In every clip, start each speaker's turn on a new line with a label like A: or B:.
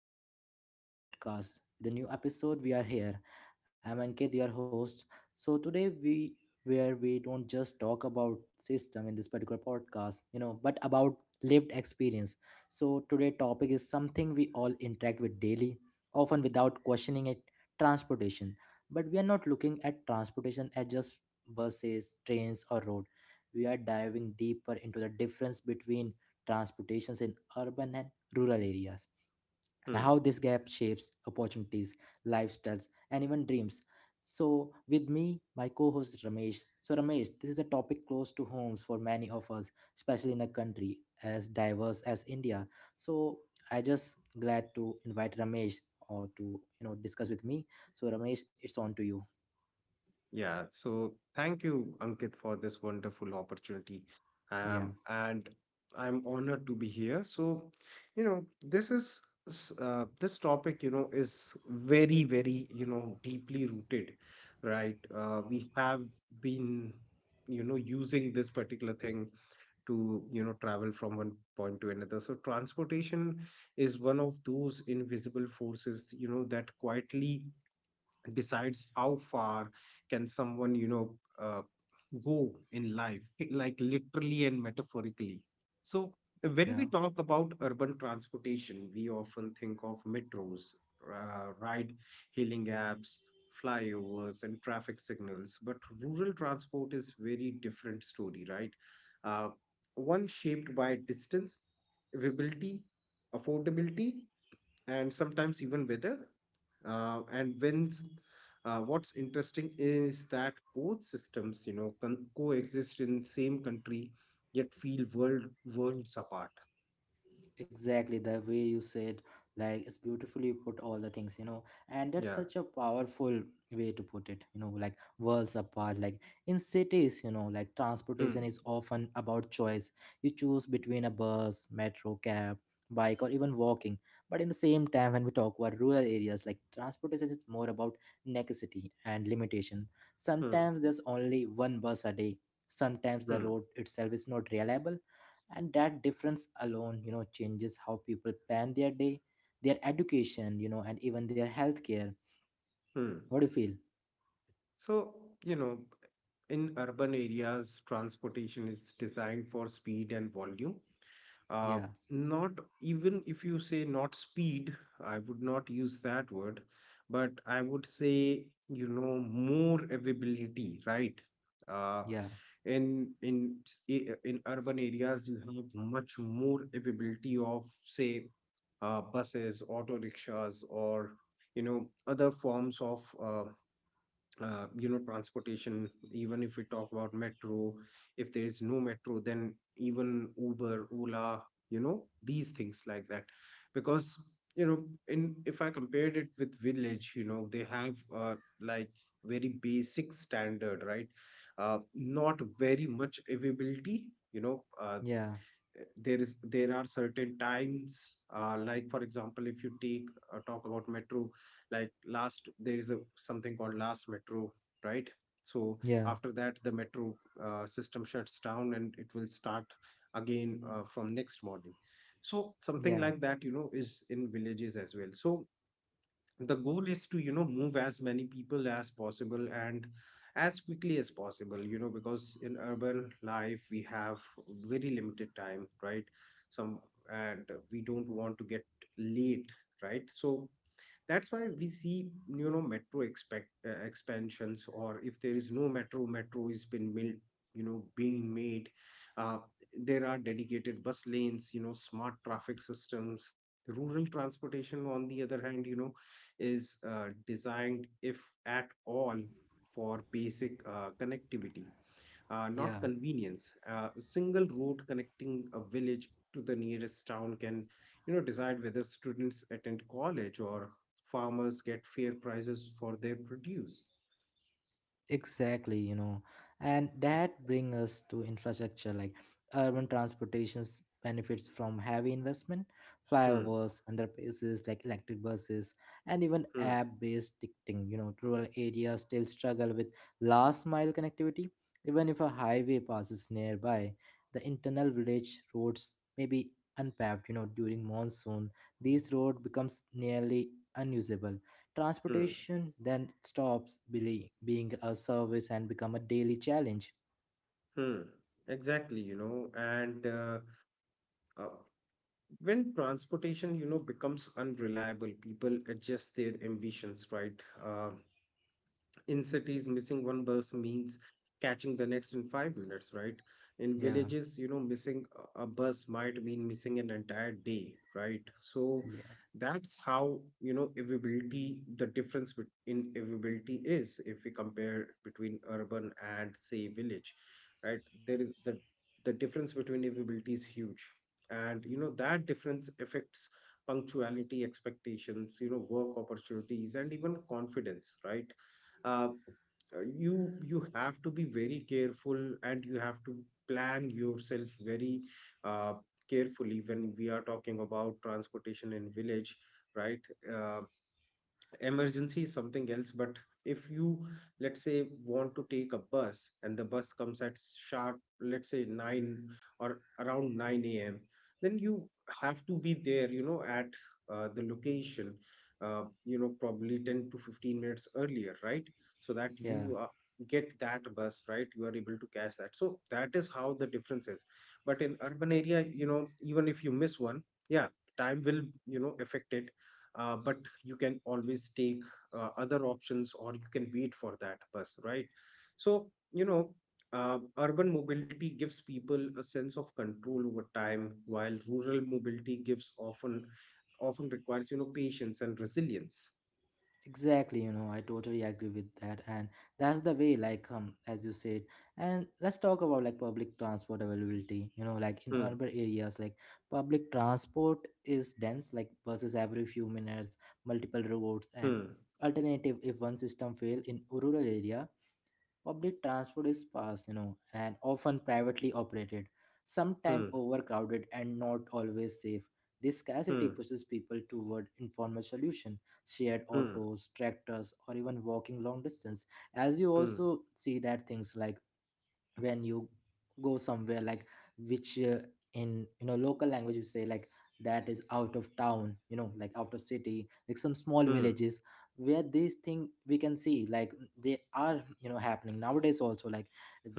A: our Mind Review podcast. The new episode, we are here. I'm Ankit, your host. So, today, we where we don't just talk about system in this particular podcast, you know, but about lived experience. So, today topic is something we all interact with daily, often without questioning it, transportation. But we are not looking at transportation as just buses, trains, or road. We are diving deeper into the difference between transportations in urban and rural areas, and
B: Hmm.
A: how this gap shapes opportunities, lifestyles, and even dreams. So, with me, my co host Ramesh. So, Ramesh, this is a topic close to homes for many of us, especially in a country as diverse as India. So, I just glad to invite Ramesh or to you know discuss with me. So, Ramesh, it's on to you.
B: Yeah. So thank you, Ankit, for this wonderful opportunity.
A: Yeah,
B: And I'm honored to be here. So, you know, this is this topic, you know, is very, very, you know, deeply rooted, right? We have been, you know, using this particular thing to, you know, travel from one point to another. So transportation is one of those invisible forces, you know, that quietly decides how far can someone go in life like literally and metaphorically. So when we
A: yeah.
B: talk about urban transportation, we often think of metros, ride hailing apps, flyovers and traffic signals. But rural transport is very different story, right? uh, One shaped by distance, availability, affordability, and sometimes even weather. Uh, and when s- what's interesting is that both systems, you know, coexist in same country, yet feel worlds apart.
A: Exactly the way you said, like it's beautifully put all the things, you know, and that's
B: Yeah.
A: such a powerful way to put it, you know, like worlds apart. Like in cities, you know, like
B: Hmm.
A: transportation is often about choice. You choose between a bus, metro, cab, bike, or even walking. But in the same time, when we talk about rural areas, like transportation is more about necessity and limitation.
B: Hmm.
A: Sometimes there's only one bus a day. Sometimes the
B: Hmm.
A: road itself is not reliable, and that difference alone you know changes how people plan their day, their education, you know, and even their healthcare.
B: Hmm.
A: What do you feel?
B: So, you know, in urban areas, transportation is designed for speed and volume, uh,
A: Yeah,
B: not, even if you say not speed, I would not use that word, but I would say, you know, more availability, right? Uh,
A: yeah,
B: in urban areas, you have much more availability of, say, buses, auto rickshaws, or you know, other forms of you know transportation. Even if we talk about metro, if there is no metro then even Uber, Ola, you know, these things like that. Because you know, in if I compared it with village, you know, they have like very basic standard, right? Not very much availability, you know.
A: yeah,
B: There are certain times, like for example if you take talk about metro, like last, there is a something called last metro, right? So
A: yeah,
B: after that, the metro system shuts down and it will start again, from next morning. So something
A: yeah,
B: like that, you know, is in villages as well. So the goal is to, you know, move as many people as possible and as quickly as possible. You know, because in urban life, we have very limited time, right? some And we don't want to get late, right? So that's why we see, you know, metro expect expansions, or if there is no metro, metro is you know being made. uh, there are dedicated bus lanes, you know, smart traffic systems. Rural transportation, on the other hand, you know, is designed, if at all, for basic connectivity, not
A: yeah.
B: convenience. A single road connecting a village to the nearest town can, you know, decide whether students attend college or farmers get fair prices for their produce.
A: Exactly, you know, and that brings us to infrastructure. Like, urban transportations benefits from heavy investment,
B: Hmm,
A: flyovers, underpasses, like electric buses, and even
B: hmm,
A: app-based ticketing. You know, rural areas still struggle with last mile connectivity. Even if a highway passes nearby, the internal village roads may be unpaved. You know, during monsoon, these roads becomes nearly unusable.
B: hmm,
A: Transportation then stops being a service and become a daily challenge.
B: hmm. Exactly, you know, and uh, when transportation, you know, becomes unreliable, people adjust their ambitions, right? In cities, missing one bus means catching the next in 5 minutes, right? In
A: Yeah,
B: villages, you know, missing a bus might mean missing an entire day, right? So
A: yeah,
B: that's how, you know, availability, the difference in availability is, if we compare between urban and, say, village, right? There is the difference between availability is huge. And, you know, that difference affects punctuality expectations, you know, work opportunities, and even confidence, right? uh, you have to be very careful, and you have to plan yourself very uh, carefully when we are talking about transportation in village, right? uh, Emergency is something else, but if you, let's say, want to take a bus and the bus comes at sharp, let's say 9 or around 9 a.m., then you have to be there, you know, at the location you know probably 10 to 15 minutes earlier, right? So that
A: yeah.
B: you get that bus, right? You are able to catch that. So that is how the difference is. But in urban area, you know, even if you miss one, yeah, time will, you know, affect it, but you can always take other options, or you can wait for that bus, right? So, you know, urban mobility gives people a sense of control over time, while rural mobility gives often often requires, you know, patience and resilience.
A: Exactly, you know, I totally agree with that, and that's the way, like, as you said. And let's talk about like public transport availability. You know, like in
B: Hmm.
A: urban areas, like public transport is dense, like buses every few minutes, multiple routes, and
B: Hmm.
A: alternative if one system fail. In rural area, public transport is fast, you know, and often privately operated, sometimes
B: Hmm.
A: overcrowded and not always safe. This scarcity
B: Hmm.
A: pushes people toward informal solution, shared autos, tractors, or even walking long distance. As you
B: Hmm.
A: also see that things like when you go somewhere like which in you know local language you say like that is out of town, you know, like out of city, like some small
B: Hmm.
A: villages where these thing we can see like they are you know happening nowadays also, like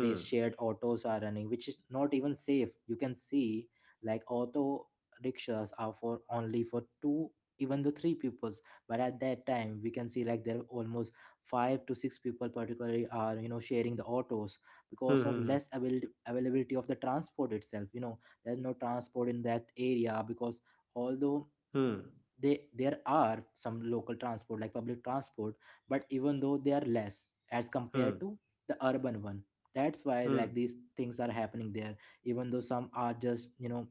A: these shared autos are running which is not even safe. You can see like auto rickshaws are for only for two, even though three peoples, but at that time we can see like there are almost five to six people particularly are you know sharing the autos
B: Hmm.
A: because of
B: Hmm.
A: less availability of the transport itself, you know. There's no transport in that area because although
B: Hmm. Hmm. Hmm.
A: they there are some local transport like public transport, but even though they are less as compared
B: Hmm.
A: to the urban one, that's why
B: Hmm,
A: like these things are happening there. Even though some are just you know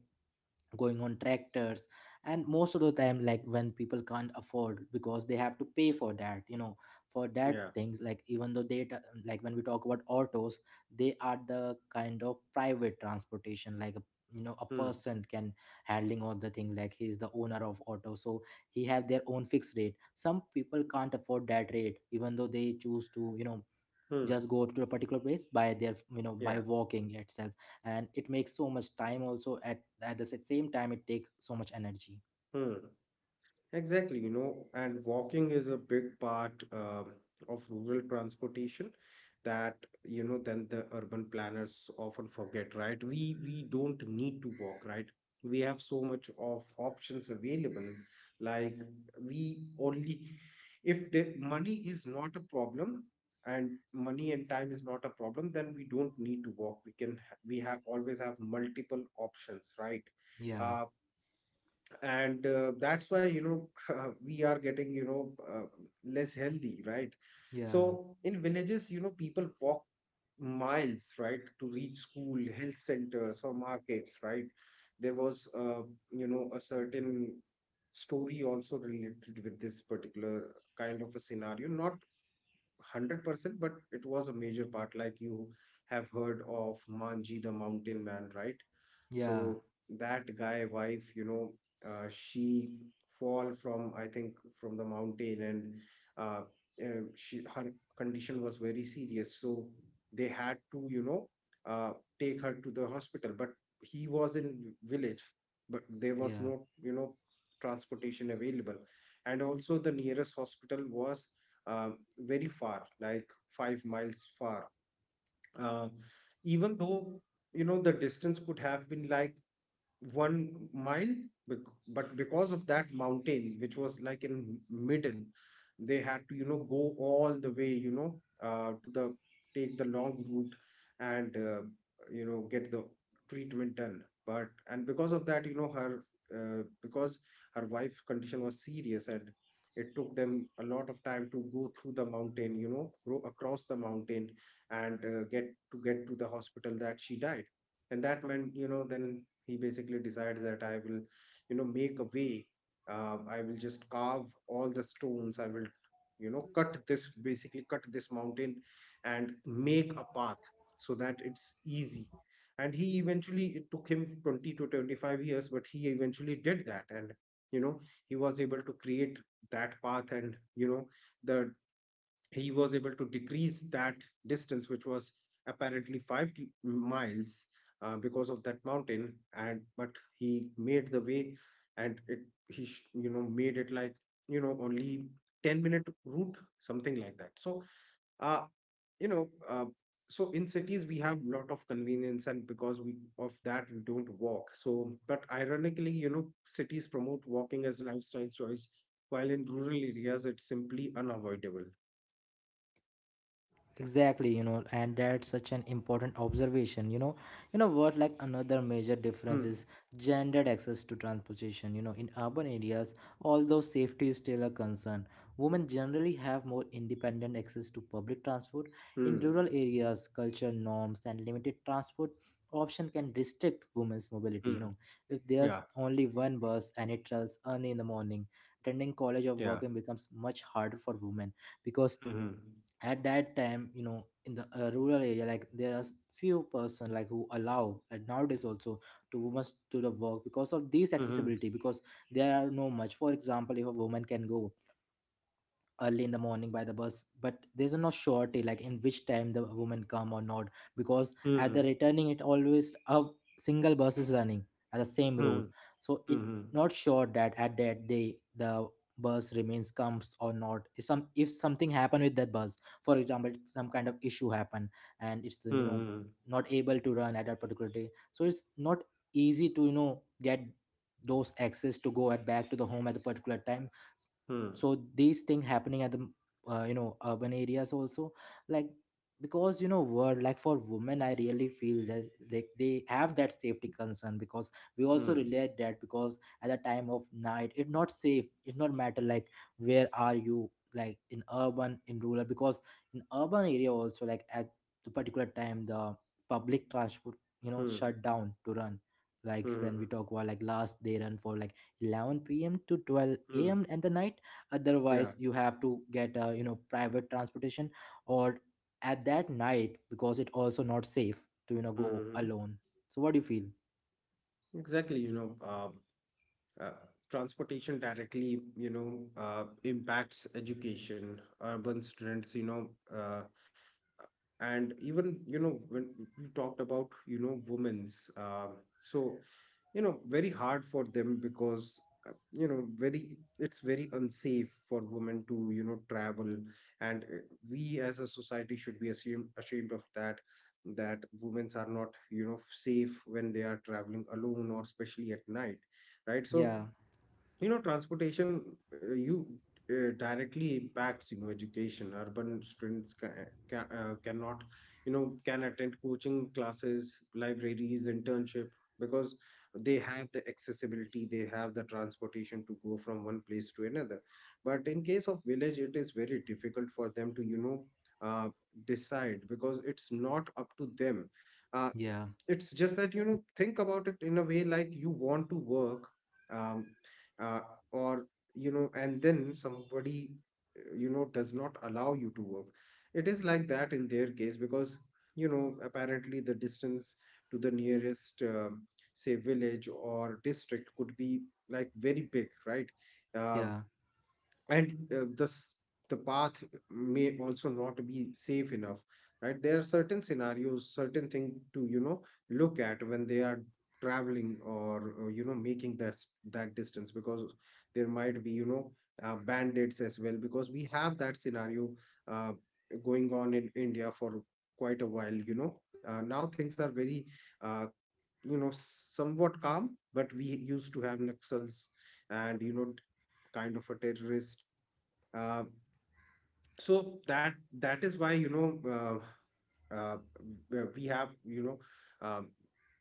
A: going on tractors, and most of the time like when people can't afford because they have to pay for that, you know, for that
B: yeah.
A: things, like even though like when we talk about autos, they are the kind of private transportation, like a you know a
B: Hmm.
A: person can handling all the thing, like he is the owner of auto, so he have their own fixed rate. Some people can't afford that rate, even though they choose to you know
B: Hmm.
A: just go to a particular place by their you know by
B: Yeah.
A: walking itself, and it makes so much time also at the same time, it takes so much energy.
B: Hmm. Exactly, you know, and walking is a big part of rural transportation that, you know, then the urban planners often forget, right? We don't need to walk, right? We have so much of options available. Like, we only, if the money is not a problem, and money and time is not a problem, then we don't need to walk. We we have always have multiple options, right?
A: Yeah,
B: Uh, and That's why, you know, we are getting, you know, less healthy, right?
A: yeah,
B: So in villages, you know, people walk miles, right, to reach school, health centers, or markets, right? There was you know a certain story also related with this particular kind of a scenario, not 100%, but it was a major part. Like, you have heard of Manji the mountain man, right?
A: yeah,
B: So that guy wife, you know, she fall, from I think from the mountain, and uh, she, her condition was very serious. So they had to, you know, uh, take her to the hospital. But he was in village, but there was
A: yeah.
B: no, you know, transportation available, and also the nearest hospital was very far, like 5 miles far. Uh, Even though you know the distance could have been like 1 mile, but because of that mountain which was like in middle, they had to, you know, go all the way, you know, to the take the long route, and you know get the treatment done. But and because of that, you know, uh, because her wife's condition was serious, and it took them a lot of time to go through the mountain, you know, go across the mountain, and get to the hospital, that she died. And that meant, you know, then he basically decides that I will, you know, make a way. I will just carve all the stones, I will, you know, cut this, basically cut this mountain, and make a path, so that it's easy. And he eventually, it took him 20 to 25 years, but he eventually did that, and you know, he was able to create that path, and you know, the he was able to decrease that distance, which was apparently five miles because of that mountain. And but he made the way, and you know made it like you know only 10 minute route, something like that. So uh, you know. Uh, so in cities we have lot of convenience, and because we of that we don't walk. So but ironically, you know, cities promote walking as lifestyle choice, while in rural areas it's simply unavoidable.
A: Exactly, you know, and that's such an important observation, you know. You know what, like another major difference
B: Hmm.
A: is gendered access to transportation. You know, in urban areas, although safety is still a concern, women generally have more independent access to public transport. In
B: Mm.
A: rural areas, cultural norms and limited transport option can restrict women's mobility, you
B: Mm.
A: know. If there's
B: Yeah.
A: only one bus and it runs early in the morning, attending college or
B: Yeah.
A: working becomes much harder for women, because
B: Mhm.
A: at that time you know in the rural area like there's few person like who allow and nowadays also to women to the work because of this
B: Mhm.
A: accessibility. Because there are no much, for example, if a woman can go early in the morning by the bus, but there's no surety like in which time the woman come or not, because at the
B: Mhm.
A: returning it always a single bus is running at the same route.
B: Mhm.
A: So it
B: Mhm.
A: not sure that at that day the bus remains comes or not. If some if something happen with that bus, for example some kind of issue happen and it's you know
B: Mhm.
A: not able to run at that particular day, so it's not easy to you know get those access to go at back to the home at the particular time.
B: Mhm.
A: So these things happening at the you know urban areas also, like because you know word like for women I really feel that like they have that safety concern, because we also
B: Mhm.
A: relate that because at the time of night it's not safe. It's not matter like where are you, like in urban in rural, because in urban area also like at the particular time the public transport you know
B: Mhm.
A: shut down to run. Like when
B: Mhm.
A: we talk about like last they run for like 11 p.m. to 12
B: Mhm.
A: a.m. and the night,
B: Yeah.
A: otherwise you have to get a you know private transportation, or at that night because it also not safe to you know go
B: Mhm.
A: alone. So what do you feel?
B: Exactly, you know, uh, transportation directly, you know, impacts education, urban students, you know, uh, and even you know when we talked about, you know, women's so you know very hard for them, because you know very, it's very unsafe for women to, you know, travel. And we as a society should be ashamed of that, that women are not, you know, safe when they are traveling alone or especially at night, right? So,
A: Yeah,
B: you know, transportation you directly impacts, you know, education. Urban students cannot, you know, can attend coaching classes, libraries, internship, because they have the accessibility, they have the transportation to go from one place to another. But in case of village, it is very difficult for them to, you know, uh, decide, because it's not up to them. uh,
A: yeah,
B: it's just that, you know, think about it in a way, like you want to work, um, uh, or you know, and then somebody, you know, does not allow you to work. It is like that in their case, because you know apparently the distance to the nearest say village or district could be like very big, right? Um
A: yeah,
B: and this, the path may also not be safe enough, right? There are certain scenarios, certain thing to, you know, look at when they are traveling, or you know making that that distance. Because there might be, you know, bandits as well, because we have that scenario uh, going on in India for quite a while, you know. Now things are very uh, you know somewhat calm, but we used to have naxals, and you know, kind of a terrorist, um, so that that is why, you know, uh, uh, we have, you know, um,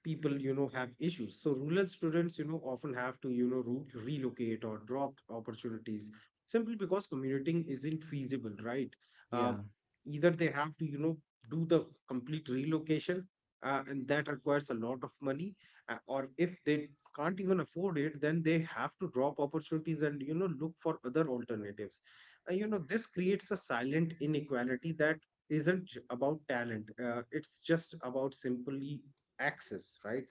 B: people, you know, have issues. So rural students often have to relocate or drop opportunities simply because commuting isn't feasible, right? Uh,
A: yeah,
B: Either they have to do the complete relocation. And that requires a lot of money, or if they can't even afford it, then they have to drop opportunities and look for other alternatives. This creates a silent inequality that isn't about talent. It's just about simply access, right?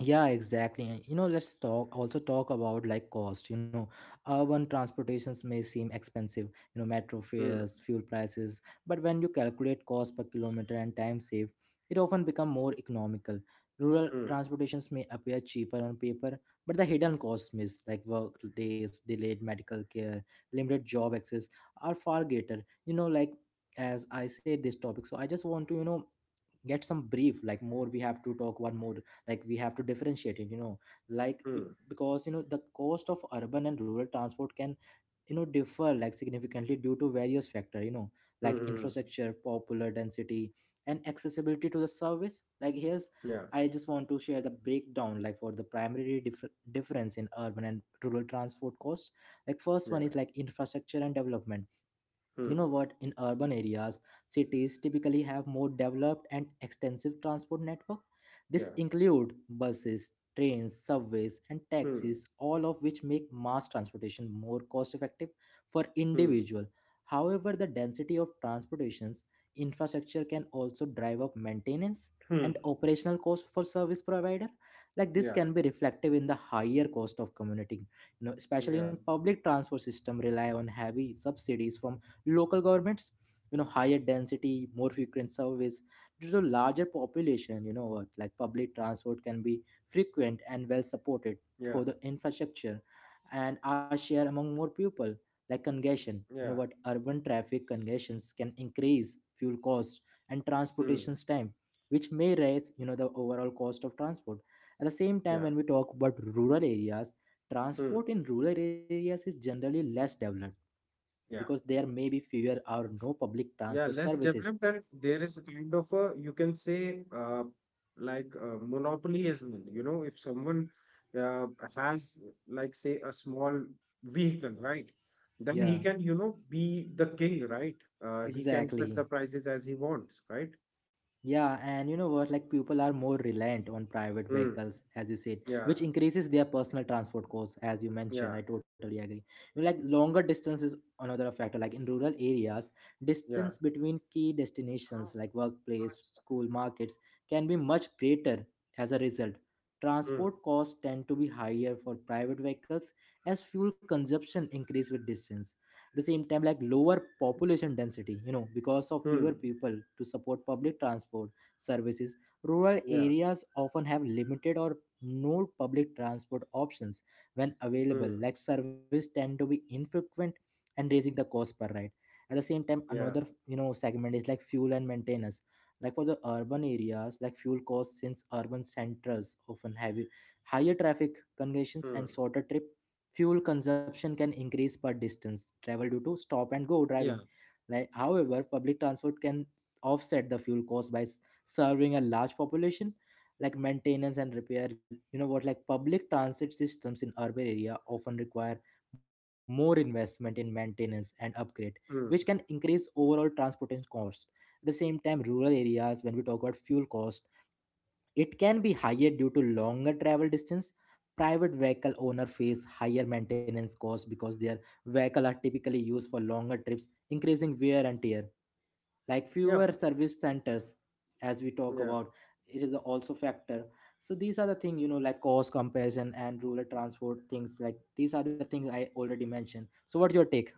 A: yeah. Exactly. And, you know, let's talk also talk about like cost, you know. Urban transportations may seem expensive, you know, metro
B: hmm
A: fares, fuel prices, but when you calculate cost per kilometer and time saved, it often become more economical. Rural
B: hmm
A: transportations may appear cheaper on paper, but the hidden costs miss like work days, delayed medical care, limited job access, are far greater, you know. Like, as I said, this topic, so I just want to you know get some brief, like more we have to talk one more, like we have to differentiate it, you know. Like it,
B: hmm
A: because you know the cost of urban and rural transport can you know differ like significantly due to various factor, you know,
B: hmm
A: like
B: hmm.
A: infrastructure, popular density, and accessibility to the service. Like, here's,
B: Yeah,
A: I just want to share the breakdown like for the primary difference in urban and rural transport cost. Like first one
B: yeah.
A: is like infrastructure and development. You
B: hmm
A: know what, in urban areas, cities typically have more developed and extensive transport network. This
B: yeah.
A: include buses, trains, subways, and
B: hmm
A: taxis, all of which make mass transportation more cost effective for
B: hmm
A: individual. However, the density of transportations infrastructure can also drive up maintenance
B: hmm
A: and operational cost for service provider. Like this
B: yeah,
A: can be reflective in the higher cost of commuting, you know, especially
B: yeah,
A: in public transport system rely on heavy subsidies from local governments. You know, higher density, more frequent service due to larger population. You know what, like public transport can be frequent and well supported
B: yeah,
A: through the infrastructure and are shared among more people. Like congestion, you know
B: yeah.
A: what, urban traffic congestions can increase fuel cost and
B: hmm
A: transportation's time, which may raise you know the overall cost of transport. At the same time,
B: yeah.
A: when we talk about rural areas,
B: hmm
A: transport in rural areas is generally less developed because
B: yeah.
A: there may be fewer or no public
B: Yeah,
A: transport
B: less
A: services.
B: developed, and there is a kind of a, you can say, monopoly as well. You know, if someone uh, has, like, say, a small vehicle, right? Then
A: Yeah,
B: he can, be the king, right? He can set
A: exactly.
B: the prices as he wants, right?
A: Yeah, and you know what? Like people are more reliant on private
B: Mm.
A: vehicles, as you said,
B: Yeah,
A: which increases their personal transport costs, as you
B: yeah,
A: mentioned. I totally agree. You know, like longer distance is another factor. Like in rural areas, distance
B: yeah.
A: between key destinations like workplace, school, markets can be much greater. As a result,
B: Mm.
A: transport costs tend to be higher for private vehicles as fuel consumption increase with distance the same time like lower population density because of fewer
B: Mm.
A: people to support public transport services. Rural
B: Yeah.
A: areas often have limited or no public transport options. When available
B: Mm.
A: like service tend to be infrequent and raising the cost per ride. At the same time
B: Yeah.
A: another segment is like fuel and maintenance. Like for the urban areas like fuel costs, since urban centers often have higher traffic congestions and
B: Mm.
A: shorter trip. Fuel consumption can increase per distance travel due to stop and go driving.
B: Yeah.
A: Like, however, public transport can offset the fuel cost by serving a large population, like maintenance and repair. You know what? Like public transit systems in urban area often require more investment in maintenance and upgrade, which can
B: Mm.
A: increase overall transportation cost. At the same time, rural areas, when we talk about fuel cost, it can be higher due to longer travel distance. Private vehicle owner face higher maintenance costs because their vehicle are typically used for longer trips, increasing wear and tear. Like
B: Yeah.
A: fewer service centers, as we talk
B: Yeah.
A: about, it is also factor. So these are the thing, you know, like cost comparison and rural transport things. Like these are the things I already mentioned. So what's your take?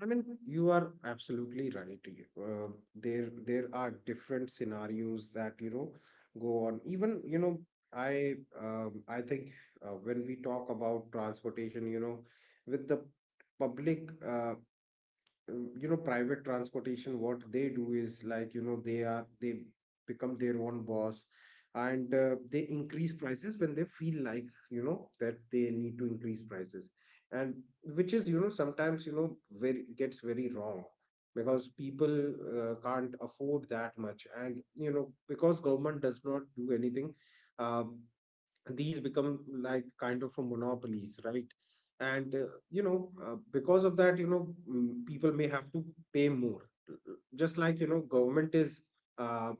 B: I mean, you are absolutely right. There are different scenarios that go on. Even I, I think when we talk about transportation, you know, with the public private transportation, what they do is, like, they become their own boss, and they increase prices when they feel like, that they need to increase prices, and which is, sometimes, very, gets very wrong, because people can't afford that much, and because government does not do anything. um, these become like kind of a monopolies, right? And because of that, people may have to pay more, just like, you know, government is uh,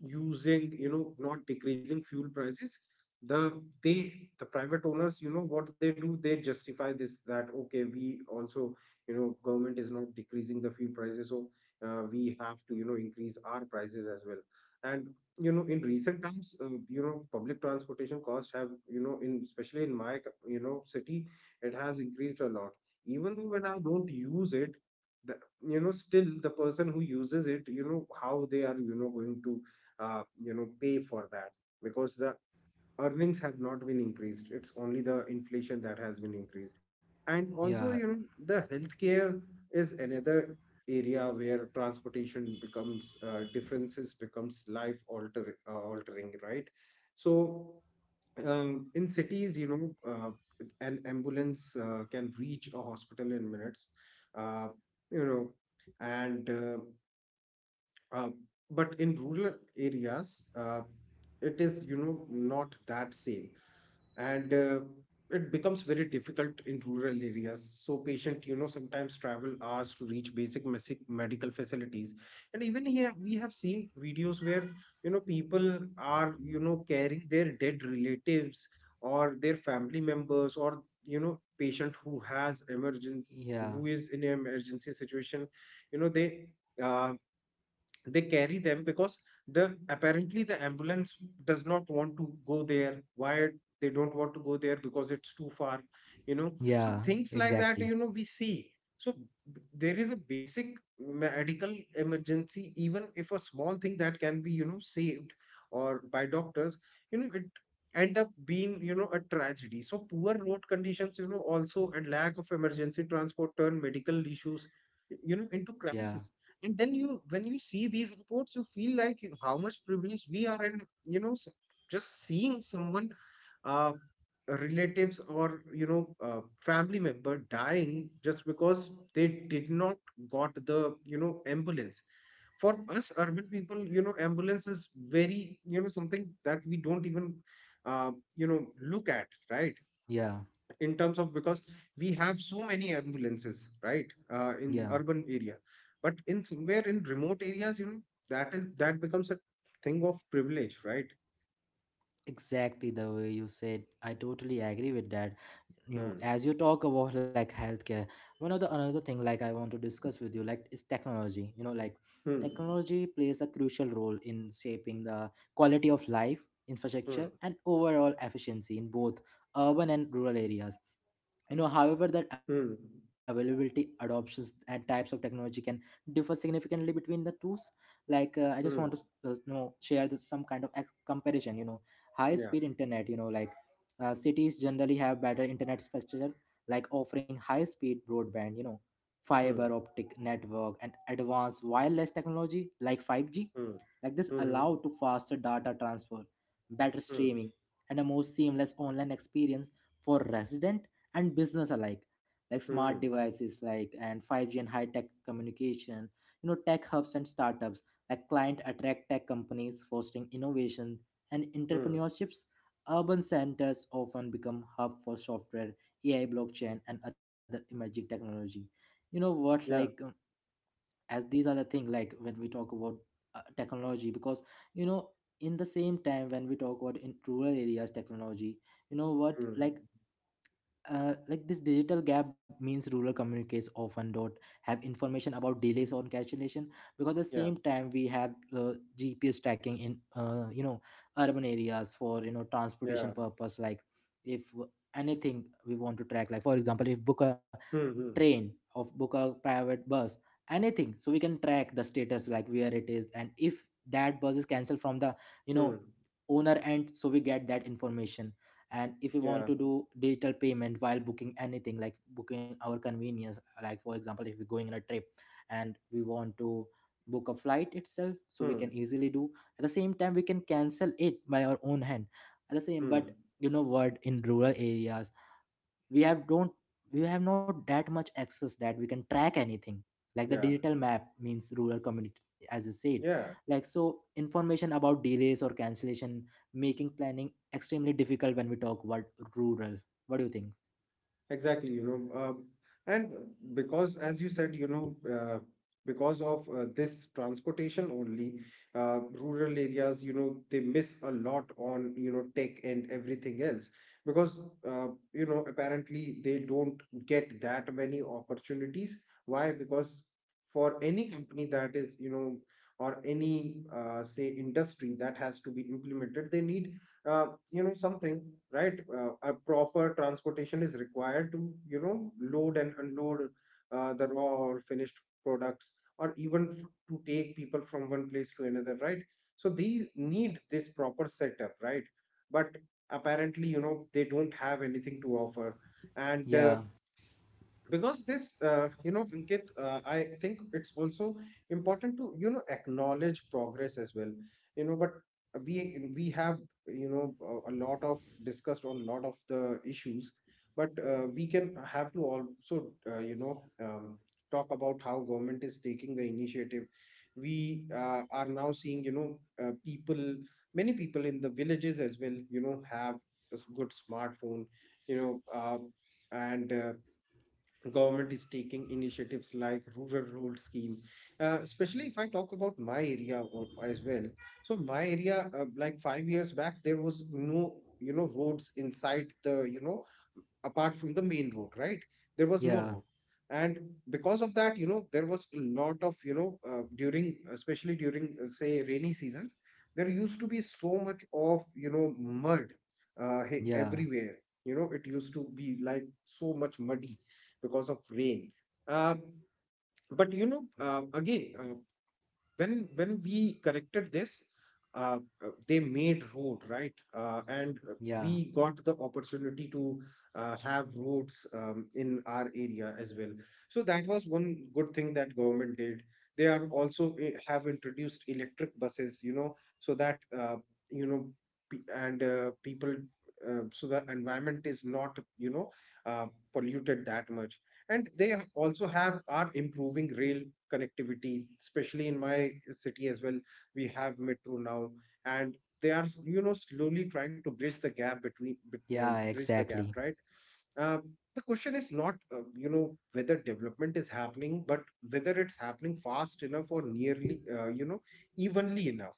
B: using, you know, not decreasing fuel prices. The they the private owners, you know, what they do, they justify this that, okay, we also, you know, government is not decreasing the fuel prices, so we have to, increase our prices as well. And in recent times, public transportation costs have, in, especially in my city, it has increased a lot, even though when I don't use it. the, you know, still the person who uses it, you know, how they are, you know, going to pay for that, because the earnings have not been increased. It's only the inflation that has been increased. And
A: Yeah,
B: also, you know, the healthcare is another area where transportation becomes, differences becomes life altering, right? So in cities, an ambulance can reach a hospital in minutes. Uh, you know and uh, but in rural areas, it is, you know, not that same. And it becomes very difficult in rural areas. So patient, you know, sometimes travel hours to reach basic medical facilities. And even here we have seen videos where, you know, people are, you know, carrying their dead relatives, or their family members, or, you know, patient who has emergency,
A: yeah,
B: who is in an emergency situation. you know they uh, they carry them because the, apparently, the ambulance does not want to go there. Why? They don't want to go there because it's too far. You know, so
A: yeah,
B: things like
A: exactly.
B: that, you know, we see. So there is a basic medical emergency, even if a small thing that can be, you know, saved or by doctors, you know, it end up being, you know, a tragedy. So poor road conditions, you know, also and lack of emergency transport turn medical issues, you know, into
A: Yeah,
B: crisis. And then you, when you see these reports, you feel like how much privilege we are in, you know s- just seeing someone uh relatives, or you know uh, family member dying just because they did not got the, you know, ambulance. For us urban people, you know, ambulance is very, you know, something that we don't even uh, you know look at, right?
A: yeah,
B: In terms of, because we have so many ambulances, right? In
A: yeah.
B: urban area. But in somewhere in remote areas, you know, that is, that becomes a thing of privilege, right?
A: Exactly the way you said, I totally agree with that. You know,
B: hmm
A: as you talk about like healthcare, one of the another thing like I want to discuss with you like is technology. You know, like
B: hmm
A: technology plays a crucial role in shaping the quality of life, infrastructure
B: hmm
A: and overall efficiency in both urban and rural areas. You know, however that
B: hmm
A: availability, adoptions and types of technology can differ significantly between the tools. Like I just want to
B: hmm
A: know share this some kind of comparison, you know, high speed
B: yeah.
A: internet, you know, like cities generally have better internet structure, like offering high speed broadband, you know, fiber
B: hmm
A: optic network and advanced wireless technology like 5G.
B: hmm
A: Like this
B: hmm
A: allow to faster data transfer, better
B: hmm
A: streaming and a more seamless online experience for resident and business alike. Like smart
B: hmm
A: devices like and 5G and high tech communication. You know, tech hubs and startups like client attract tech companies, fostering innovation and
B: hmm
A: entrepreneurships. Urban centers often become hub for software, AI blockchain and other emerging technology. You know what, like
B: yeah.
A: as these are the thing like when we talk about technology. Because, you know, in the same time when we talk about in rural areas technology, you know what,
B: hmm
A: like this digital gap means rural communities often don't have information about delays on cancellation. Because at the
B: yeah.
A: same time we have uh, GPS tracking in you know urban areas for you know
B: Yeah.
A: transportation purpose, like if anything we want to track, like for example if book a
B: hmm hmm
A: train of book a private bus anything, so we can track the status like where it is, and if that bus is cancelled from the you know
B: hmm
A: owner end, so we get that information. And if we want
B: yeah.
A: to do digital payment while booking anything, like booking our convenience, like for example if we're going on a trip and we want to book a flight itself, so we
B: hmm
A: can easily do. At the same time we can cancel it by our own hand. At the same but
B: hmm
A: you know what, in rural areas we have don't we have not that much access that we can track anything. Like the
B: yeah.
A: digital map means rural communities, as you said,
B: Yeah.
A: like so information about delays or cancellation, making planning extremely difficult when we talk about rural. What do you think?
B: Exactly, you know, and because, as you said, you know, because of this transportation only, rural areas, you know, they miss a lot on, you know, tech and everything else. Because, you know, apparently they don't get that many opportunities. Why? Because for any company that is, you know, or any, say, industry that has to be implemented, they need, something, right? A proper transportation is required to, you know, load and unload the raw or finished products, or even to take people from one place to another, right? So these need this proper setup, right? But apparently, you know, they don't have anything to offer. And
A: Yeah,
B: because this, you know, Vinkit, I think it's also important to, you know, acknowledge progress as well, you know. But we have, you know, a lot of discussed on a lot of the issues, but we can have to also uh, you know um, talk about how government is taking the initiative. We are now seeing, people, many people in the villages as well, you know, have a good smartphone, you know um, and government is taking initiatives like rural road scheme, especially if I talk about my area as well. So my area, like 5 years back, there was no, you know, roads inside the, you know, apart from the main road, right? There was no
A: yeah,
B: road. And because of that, you know, there was a lot of, you know, during, especially during, say, rainy seasons, there used to be so much of, you know, mud,
A: yeah,
B: everywhere. You know, it used to be like so much muddy because of rain. Um, but, you know, when we corrected this, uh, they made road, right? And
A: yeah,
B: We got the opportunity to have roads in our area as well. So that was one good thing that government did. They are also have introduced electric buses, you know, so that you know pe- and people, so the environment is not, uh, polluted that much. And they also have are improving rail connectivity, especially in my city as well. We have metro now. And they are, you know, slowly trying to bridge the gap between
A: yeah,
B: bridge the gap,
A: exactly.
B: right? um, the question is not, you know, whether development is happening, but whether it's happening fast enough, or nearly, you know, evenly enough,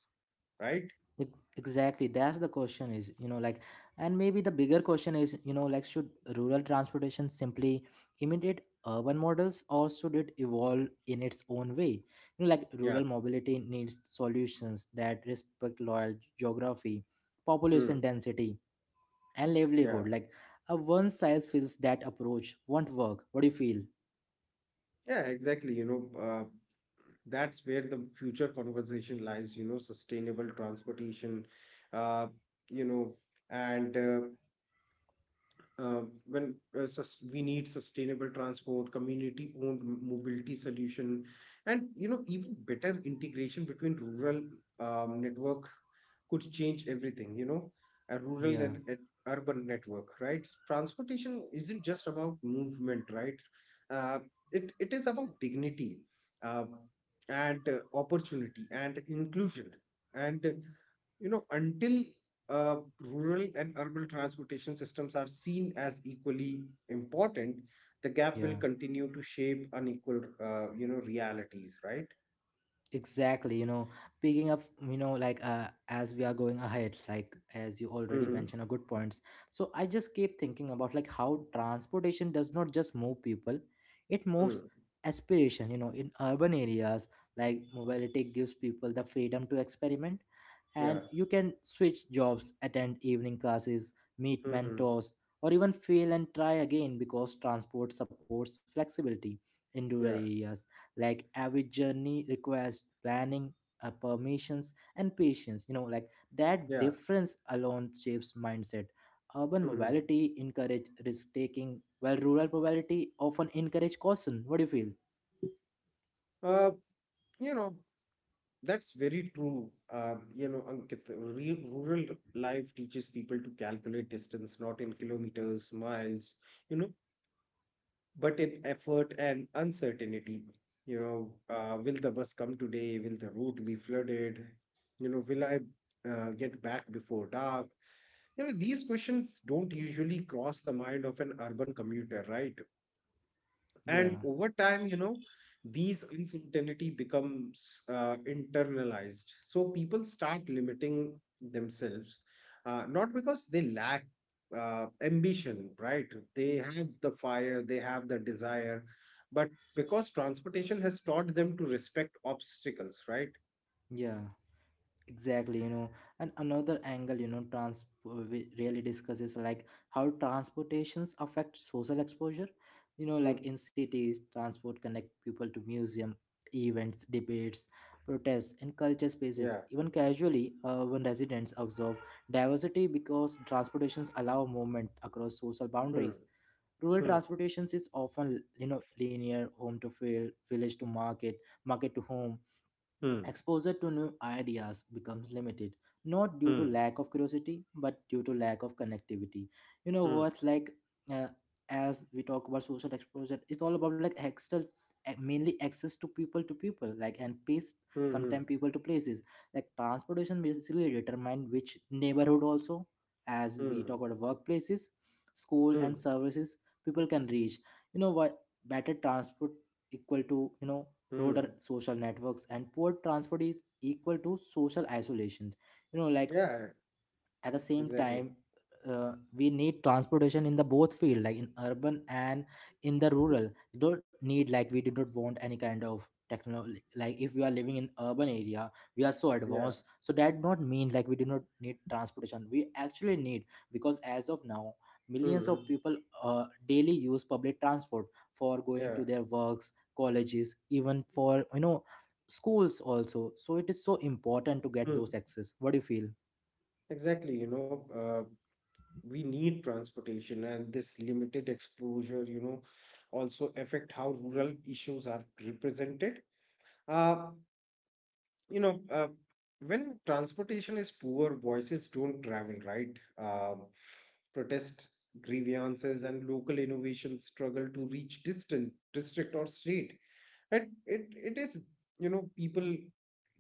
B: right?
A: Ex- Exactly, that's the question is, you know, like, and maybe the bigger question is, you know, like, should rural transportation simply imitate urban models or should it evolve in its own way? You know, like
B: yeah
A: rural mobility needs solutions that respect local geography,
B: hmm.
A: population density, and livelihood. Like a one size fits that approach won't work. What do you feel?
B: Yeah, exactly. You know, that's where the future conversation lies, you know, sustainable transportation. Uh, you know, and When we need sustainable transport, community-owned mobility solution, and you know, even better integration between rural network, could change everything. You know, a rural
A: Yeah,
B: and urban network, right? Transportation isn't just about movement, right? Uh, it is about dignity, uh, and opportunity, and inclusion, and you know, until rural and urban transportation systems are seen as equally important, the gap will
A: yeah.
B: continue to shape unequal, you know, realities, right?
A: Exactly, you know, picking up, you know, like as we are going ahead, like as you already
B: Mm-hmm.
A: mentioned, a good points. So I just keep thinking about like how transportation does not just move people, it moves
B: Mm.
A: aspiration. You know, in urban areas, like mobility gives people the freedom to experiment, and
B: Yeah.
A: you can switch jobs, attend evening classes, meet
B: Mm-hmm.
A: mentors, or even fail and try again because transport supports flexibility in rural
B: Yeah.
A: areas. Like every journey requires planning, permissions, and patience. You know, like that
B: Yeah.
A: difference alone shapes mindset. Urban
B: Mm-hmm.
A: mobility encourage risk taking, while rural mobility often encourage caution. What do you feel?
B: Uh, you know, that's very true. You know, Ankit, rural life teaches people to calculate distance not in kilometers, miles, you know, but in effort and uncertainty. You know, will the bus come today? Will the route be flooded? You know, will I get back before dark? You know, these questions don't usually cross the mind of an urban commuter, right? And
A: Yeah,
B: over time, you know, these uncertainty becomes internalized, so people start limiting themselves, not because they lack ambition, right? They have the fire, they have the desire, but because transportation has taught them to respect obstacles, right?
A: yeah. Exactly, you know, and another angle, you know, trans we really discusses like how transportations affect social exposure. You know, like
B: Mm,
A: in cities transport connect people to museum, events, debates, protests and culture spaces.
B: yeah.
A: Even casually urban residents observe diversity because transportations allow movement across social
B: Hmm.
A: boundaries. Rural
B: Hmm.
A: transportations is often, you know, linear: home to field, village to market, market to home.
B: Hmm.
A: Exposure to new ideas becomes limited, not due to
B: Hmm.
A: lack of curiosity, but due to lack of connectivity. You know
B: Hmm.
A: what? Like, uh, as we talk about social exposure, it's all about like external, mainly access to people, like and place,
B: Hmm. Hmm.
A: sometimes people to places. Like transportation basically determine which neighborhood also. As we
B: Hmm.
A: talk about workplaces, school
B: Hmm.
A: and services, people can reach. You know what? Better transport equal to, you know, broader
B: Hmm.
A: social networks, and poor transport is equal to social isolation. You know, like
B: Yeah,
A: at the same
B: exactly.
A: time we need transportation in the both field, like in urban and in the rural. You don't need like, we do not want any kind of technology. Like if we are living in urban area, we are so
B: yeah
A: advanced, so that not mean like we do not need transportation. We actually need, because as of now millions of
B: Hmm.
A: people daily use public transport for going
B: Yeah.
A: to their works, colleges, even for you know schools also. So it is so important to get
B: Hmm.
A: those access. What do you feel?
B: Exactly, you know, we need transportation, and this limited exposure, you know, also affect how rural issues are represented. Uh, you know, uh, when transportation is poor, voices don't travel, right? Uh, Protest, grievances, and local innovations struggle to reach distant district or state. Right? It is, you know, people,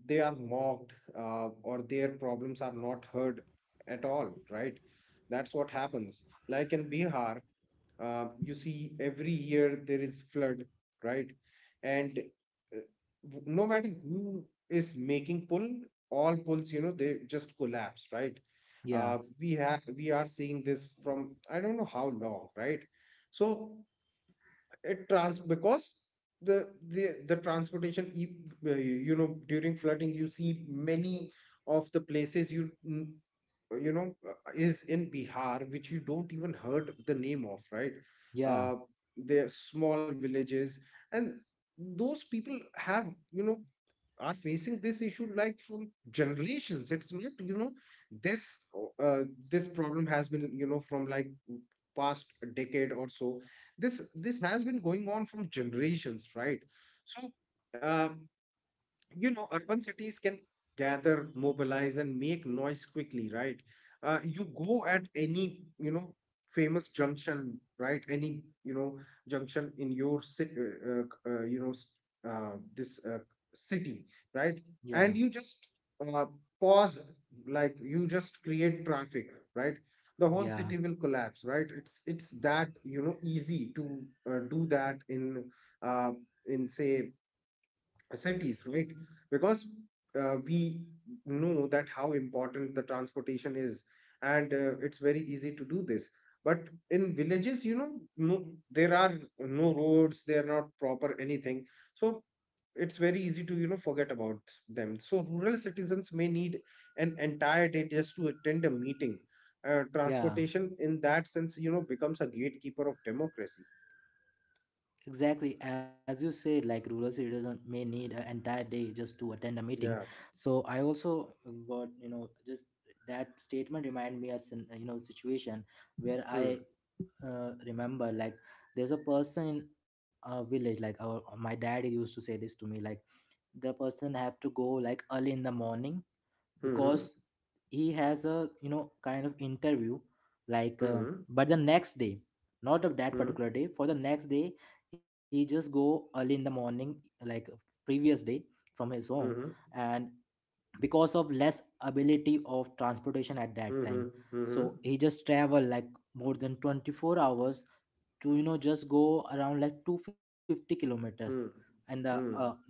B: they are mocked, or their problems are not heard at all. Right? That's what happens. Like in Bihar, you see every year there is flood. Right? And uh, W- no matter who is making pull, all pulls, you know, they just collapse. Right?
A: Yeah.
B: We are seeing this from I don't know how long. Right? So it trans because the transportation you know, during flooding you see many of the places you you know, is in Bihar which you don't even heard the name of, right?
A: Yeah,
B: uh they're small villages, and those people have, you know, are facing this issue like from generations. It's not, this uh, this problem has been, you know, from like past decade or so. This has been going on from generations, right? So. Uh, you know, urban cities can gather, mobilize, and make noise quickly, right? You go at any, you know, famous junction, right? Any, you know, junction in your city, you know, s- this city, right?
A: yeah,
B: And you just uh, pause, like you just create traffic, right? The whole
A: yeah,
B: city will collapse, right? It's that, you know, easy to do that in uh, in, say, cities, right? Because we know that how important the transportation is, and it's very easy to do this. But in villages, you know, no, there are no roads, they are not proper anything. So it's very easy to, you know, forget about them. So rural citizens may need an entire day just to attend a meeting.
A: yeah.
B: Transportation, in that sense, you know, becomes a gatekeeper of democracy.
A: Exactly. As you said, like rural citizens may need an entire day just to attend a meeting.
B: Yeah.
A: So I also got, you know, just that statement remind me a you know situation where I
B: Mm.
A: remember, like there's a person in a village like our, my dad used to say this to me like the person have to go like early in the morning
B: Mm-hmm.
A: because he has a you know kind of interview, like
B: Mm-hmm.
A: but the next day, not of that
B: Mm-hmm.
A: particular day, for the next day, he just go early in the morning, like previous day from his home,
B: Mm-hmm.
A: and because of less ability of transportation at that time,
B: Mhm, mhm,
A: so he just travel like more than 24 hours to you know just go around like 250 kilometers
B: mm,
A: in the
B: mm,
A: you know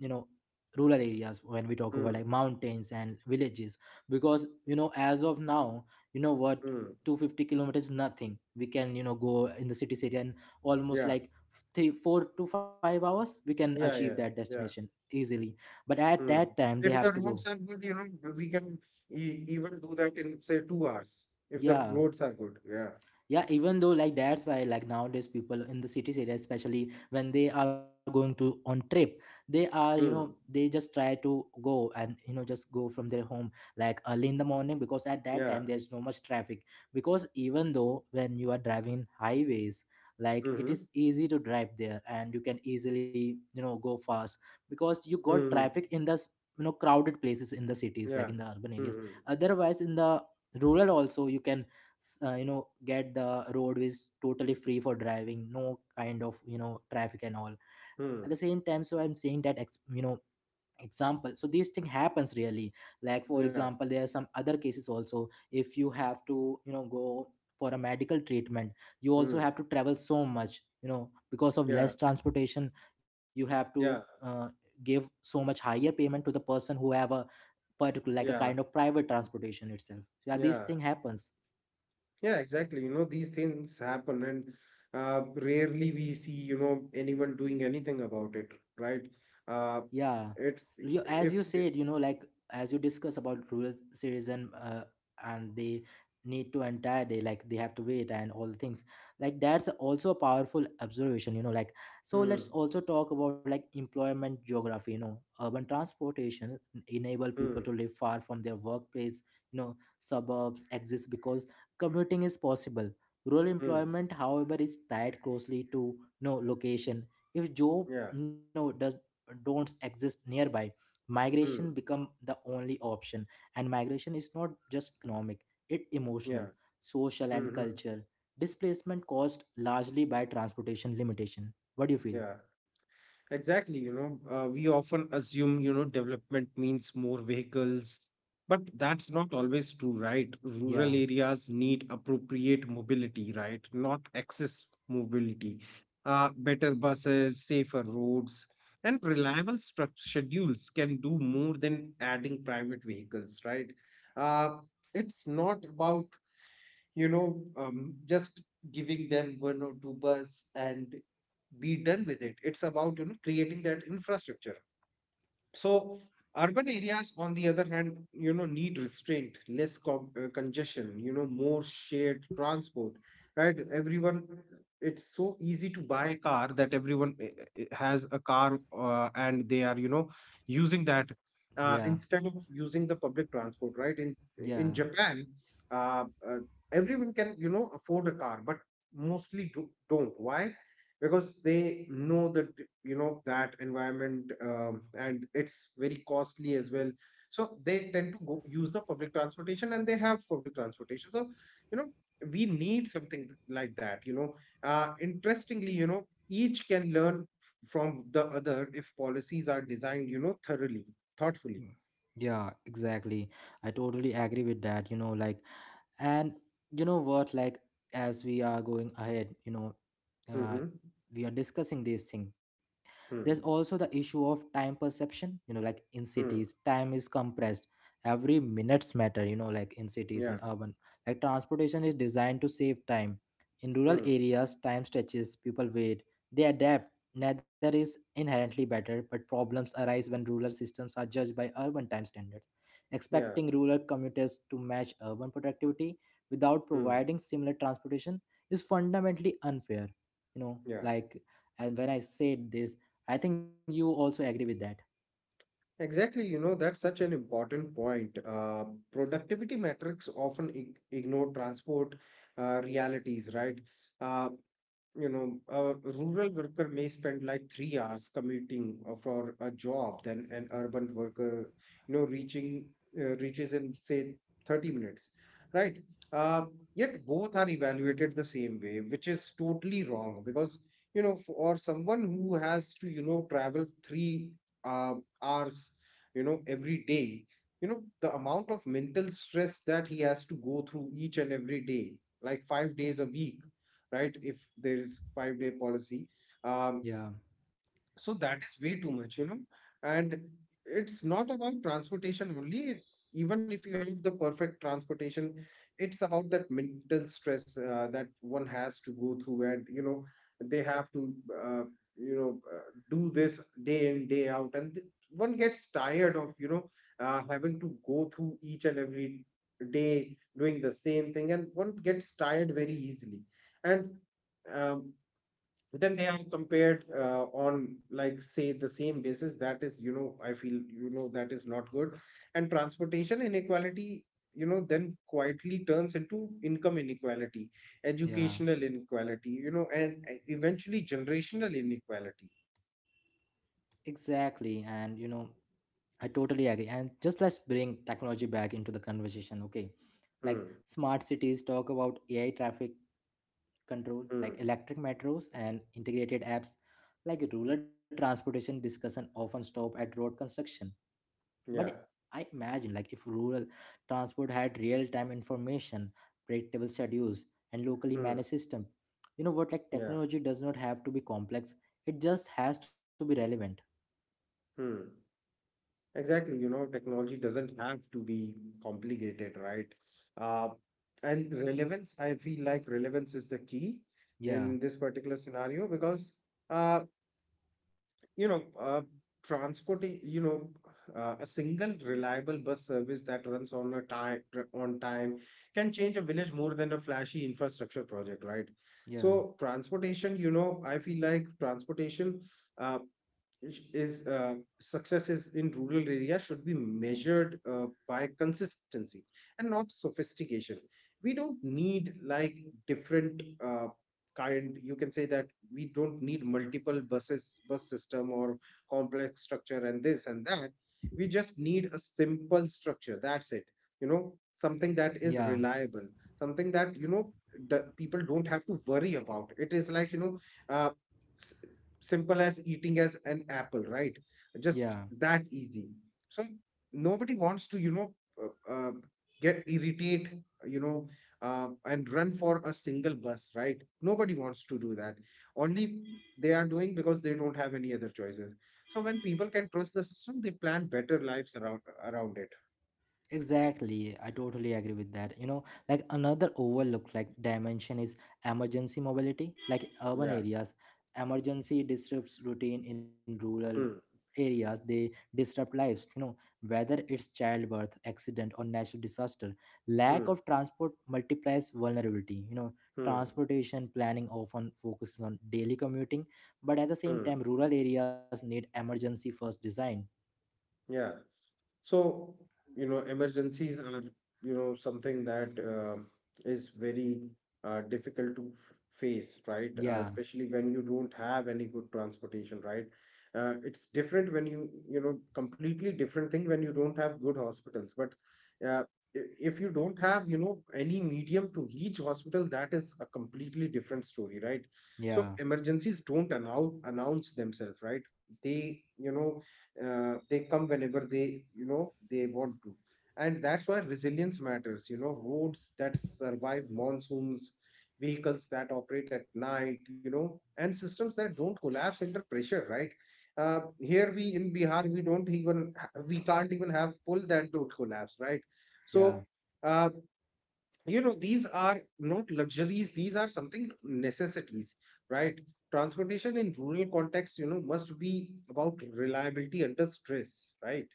A: rural areas when we talk about like
B: mm,
A: mountains and villages. Because you know, as of now, you know what,
B: mm.
A: 250 kilometers nothing, we can you know go in the cities area, and almost
B: Yeah,
A: like 3, 4 to 5 hours we can achieve
B: yeah,
A: that
B: yeah,
A: destination
B: yeah.
A: easily. But at
B: Mm.
A: that time they
B: If
A: have
B: the
A: to go.
B: roads are good, you know, we can e even do that in, say, 2 hours, if the
A: Yeah.
B: roads are good. Yeah.
A: Yeah, even though like that's why like nowadays people in the cities area, especially when they are going to on trip, they are, you
B: Mm.
A: know, they just try to go and you know just go from their home like early in the morning because at that
B: Yeah.
A: time there's no much traffic. Because even though when you are driving highways, like it
B: Mm-hmm.
A: is easy to drive there and you can easily, you know, go fast because you got
B: Mm.
A: traffic in this you know crowded places in the cities like
B: Yeah.
A: in the urban areas.
B: Mm-hmm.
A: Otherwise in the rural also you can you know get the roadways totally free for driving, no kind of you know traffic and all at the
B: Mm.
A: same time. So I'm saying that you know example, so this thing happens really. Like for
B: Yeah.
A: example there are some other cases also, if you have to you know go for a medical treatment, you also
B: Mm.
A: have to travel so much you know because of
B: Yeah.
A: less transportation. You have to
B: Yeah.
A: give so much higher payment to the person who have a particular like a
B: Yeah.
A: kind of private transportation itself. So, yeah, this
B: Yeah.
A: thing happens.
B: Yeah, exactly. You know, these things happen, and rarely we see, you know, anyone doing anything about it, right? Uh,
A: Yeah,
B: it's
A: you, as
B: if
A: you
B: it,
A: said, you know, like, as you discuss about rural citizen and they need to entire day, like they have to wait and all the things. Like that's also a powerful observation, you know. Like so,
B: hmm,
A: let's also talk about like employment geography. You know, urban transportation enable
B: hmm,
A: people to live far from their workplace. You know, suburbs exist because commuting is possible. Rural
B: hmm,
A: employment, however, is tied closely to no location. If job
B: yeah,
A: no does don't exist nearby, migration
B: hmm,
A: become the only option. And migration is not just economic, it
B: yeah,
A: emotional, social
B: hmm,
A: and
B: hmm,
A: cultural displacement caused largely by transportation limitation. What do you feel?
B: yeah. Exactly, you know, we often assume, you know, development means more vehicles, but that's not always true, right? Rural
A: Yeah,
B: areas need appropriate mobility, right? Not excess mobility. Better buses, safer roads, and reliable struct schedules can do more than adding private vehicles, right? Uh, it's not about, you know, just giving them one or two bus and be done with it. It's about, you know, creating that infrastructure. So urban areas, on the other hand, you know, need restraint, less congestion, you know, more shared transport, right? Everyone, it's so easy to buy a car that everyone has a car, and they are, you know, using that
A: yeah,
B: instead of using the public transport, right? In
A: yeah.
B: Japan, uh, uh, everyone can, you know, afford a car, but mostly don't. Why? Because they know that, you know, that environment, and it's very costly as well, so they tend to go use the public transportation, and they have public transportation. So, you know, we need something like that, you know. Interestingly, you know, each can learn from the other if policies are designed, you know, thoroughly, thoughtfully.
A: Mm. Yeah, exactly. I totally agree with that, you know, like. And you know what, like as we are going ahead, you know, uh,
B: Mm-hmm.
A: we are discussing this thing. There's
B: Hmm.
A: also the issue of time perception, you know, like in
B: Hmm.
A: cities time is compressed. Every minutes matter, you know, like in cities,
B: Yeah.
A: in urban, like transportation is designed to save time. In rural
B: Hmm.
A: areas time stretches, people wait, they adapt. Neither is inherently better, but problems arise when rural systems are judged by urban time standards,
B: Yeah.
A: expecting rural commuters to match urban productivity without
B: Hmm.
A: providing similar transportation is fundamentally unfair, you know,
B: Yeah.
A: like. And when I said this, I think you also agree with that.
B: Exactly, you know, that's such an important point. Productivity metrics often ignore transport realities, right? Uh, you know, a rural worker may spend like 3 hours commuting for a job than an urban worker, you know, reaching reaches in, say, 30 minutes, right? Uh, Yet both are evaluated the same way, which is totally wrong, because, you know, for someone who has to, you know, travel three uh, hours, you know, every day, you know, the amount of mental stress that he has to go through each and every day, like 5 days a week, right? If there is 5 day policy, um,
A: Yeah,
B: so that is way too much, you know. And it's not about transportation only. Even if you have the perfect transportation, it's about that mental stress that one has to go through, and you know, they have to, uh, you know, uh, do this day in day out, and one gets tired of, you know, having to go through each and every day doing the same thing, and one gets tired very easily. And um, then they are compared on, like, say the same basis, that is, you know, I feel, you know, that is not good. And transportation inequality, you know, then quietly turns into income inequality,
A: yeah,
B: educational inequality, you know, and eventually generational inequality.
A: exactly. And you know, I totally agree. And just let's bring technology back into the conversation, okay? Like
B: Hmm.
A: smart cities talk about AI traffic control,
B: Hmm.
A: like electric metros and integrated apps. Like rural transportation discussion often stop at road construction. But
B: Yeah.
A: I imagine like if rural transport had real-time information, predictable schedules, and locally
B: Hmm.
A: managed system, you know what, like
B: Yeah.
A: technology does not have to be complex. It just has to be relevant.
B: Hmm. Exactly, you know, technology doesn't have to be complicated, right? Uh, and relevance, I feel like relevance is the key
A: Yeah,
B: in this particular scenario, because, uh, you know, transporting, you know, a single reliable bus service that runs on a time on time can change a village more than a flashy infrastructure project, right?
A: yeah,
B: So transportation, you know, I feel like transportation uh, is successes in rural area should be measured by consistency and not sophistication. We don't need like different kind, you can say that, we don't need multiple buses bus system or complex structure and this and that. We just need a simple structure, that's it, you know, something that is
A: yeah,
B: reliable, something that, you know, the people don't have to worry about, it is like, you know, uh, simple as eating as an apple, right?
A: yeah.
B: Just that easy. So nobody wants to, you know, uh, uh, get irritate, you know, and run for a single bus, right? Nobody wants to do that. Only they are doing because they don't have any other choices. So when people can trust the system, they plan better lives around it.
A: Exactly, I totally agree with that. You know, like another overlooked like dimension is emergency mobility. Like in urban
B: Yeah.
A: areas, emergency disrupts routine. In rural
B: Hmm.
A: areas, they disrupt lives, you know, whether it's childbirth, accident or natural disaster. Lack
B: Hmm.
A: of transport multiplies vulnerability. You know,
B: Hmm.
A: transportation planning often focuses on daily commuting, but at the same
B: Hmm.
A: time rural areas need emergency first design.
B: Yeah. So, you know, emergencies are, you know, something that is very difficult to face, right?
A: Yeah,
B: Especially when you don't have any good transportation, right? It's different when you know, completely different thing when you don't have good hospitals. But uh, if you don't have, you know, any medium to reach hospital, that is a completely different story, right? So
A: yeah,
B: emergencies don't announce themselves, right? They, you know, they come whenever they, you know, they want to. And that's why resilience matters, you know, roads that survive monsoons, vehicles that operate at night, you know, and systems that don't collapse under pressure, right? Here we in Bihar we don't even we can't even have pull that don't collapse, right?
A: yeah.
B: So uh, you know, these are not luxuries, these are something necessities, right? Transportation in rural context, you know, must be about reliability under stress, right?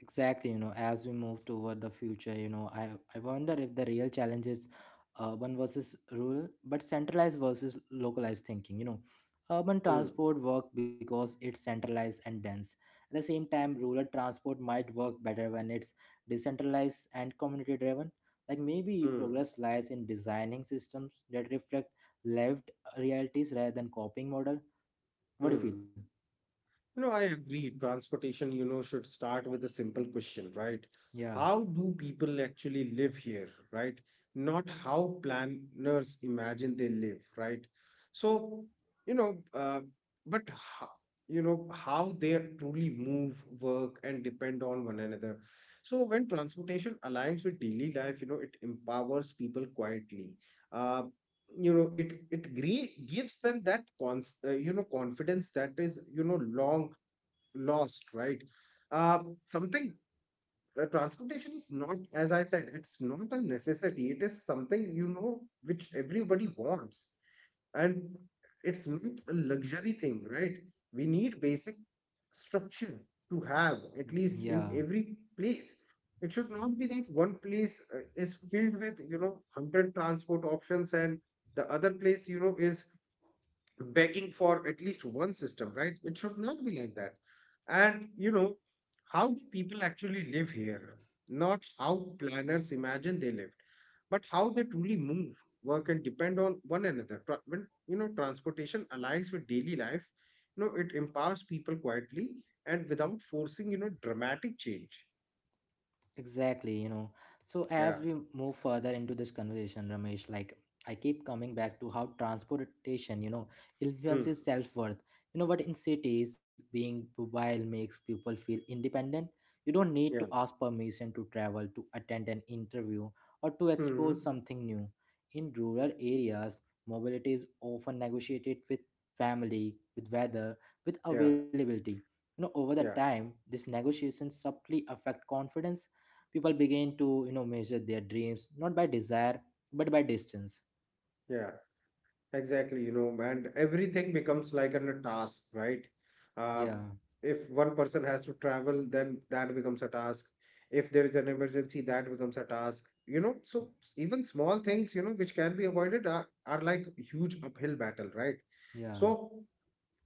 A: Exactly, you know, as we move toward the future, you know, I wonder if the real challenge is urban versus rural, but centralized versus localized thinking. You know, urban
B: Hmm.
A: transport work because it's centralized and dense. At the same time, rural transport might work better when it's decentralized and community driven. Like maybe
B: Hmm.
A: progress lies in designing systems that reflect lived realities rather than copying model. What do you
B: Hmm.
A: feel?
B: No, I agree. Transportation, you know, should start with a simple question, right?
A: Yeah,
B: How do people actually live here, right? Not how planners imagine they live, right? So, you know, but how, you know, how they truly move, work, and depend on one another. So, when transportation aligns with daily life, you know, it empowers people quietly. Uh, you know, gives them that you know, confidence that is, you know, long lost, right? Something transportation is not, as I said, it's not a necessity. It is something, you know, which everybody wants, and it's not a luxury thing, right? We need basic structure to have at least in
A: yeah.
B: every place. It should not be that one place is filled with, you know, 100 transport options, and the other place, you know, is begging for at least one system, right? It should not be like that. And you know, how do people actually live here? Not how planners imagine they lived, but how they truly move, work, and depend on one another. When, you know, transportation aligns with daily life, you know, it empowers people quietly and without forcing, you know, dramatic change.
A: Exactly, you know. So
B: Yeah.
A: as we move further into this conversation, Ramesh, like I keep coming back to how transportation, you know,
B: Hmm.
A: influences self-worth. You know what, in cities, being mobile makes people feel independent. You don't need to
B: Yeah.
A: ask permission to travel, to attend an interview, or to explore
B: Hmm.
A: something new. In rural areas, mobility is often negotiated with family, with weather, with
B: Yeah.
A: availability. You know, over the
B: Yeah.
A: time, these negotiations subtly affect confidence. People begin to, you know, measure their dreams not by desire but by distance.
B: Yeah. Exactly, you know, and everything becomes like a task, right?
A: Yeah,
B: Um, if one person has to travel, then that becomes a task. If there is an emergency, that becomes a task. You know, so even small things, you know, which can be avoided are like huge uphill battle, right?
A: yeah,
B: So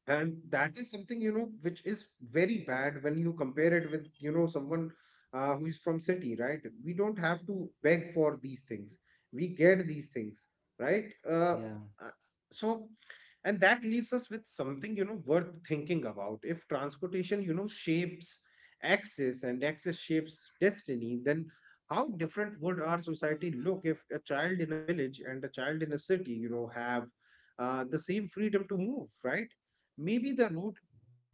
B: and that is something, you know, which is very bad when you compare it with, you know, someone who is from city, right? We don't have to beg for these things. We get these things, right. uh,
A: yeah.
B: uh, so and that leaves us with something, you know, worth thinking about. If transportation, you know, shapes access and access shapes destiny, then how different would our society look if a child in a village and a child in a city, you know, have the same freedom to move, right? Maybe the route,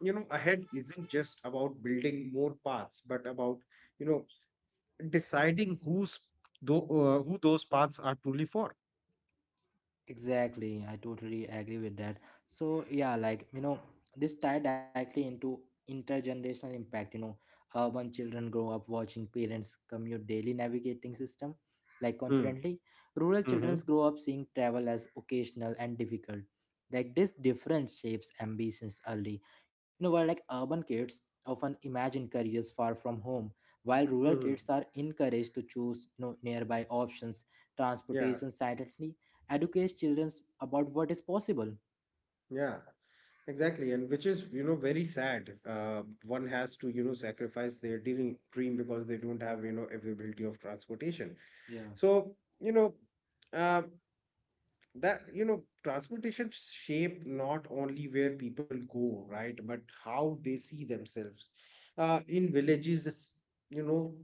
B: you know, ahead isn't just about building more paths, but about, you know, deciding who's though who those paths are truly for.
A: Exactly, I totally agree with that. So yeah, like you know, this tie directly into intergenerational impact. You know, urban children grow up watching parents commute daily, navigating system like
B: Mm.
A: confidently. Rural children
B: Mm-hmm.
A: grow up seeing travel as occasional and difficult. Like this difference shapes ambitions early. You know, while like urban kids often imagine careers far from home, while rural
B: Hmm.
A: kids are encouraged to choose, you know, nearby options,
B: Yeah,
A: transportation silently educates children about what is possible.
B: yeah, exactly. And which is, you know, very sad. One has to, you know, sacrifice their dream, because they don't have, you know, availability of transportation.
A: Yeah,
B: So, you know, uh, that, you know, transportation shape not only where people go, right, but how they see themselves in you know,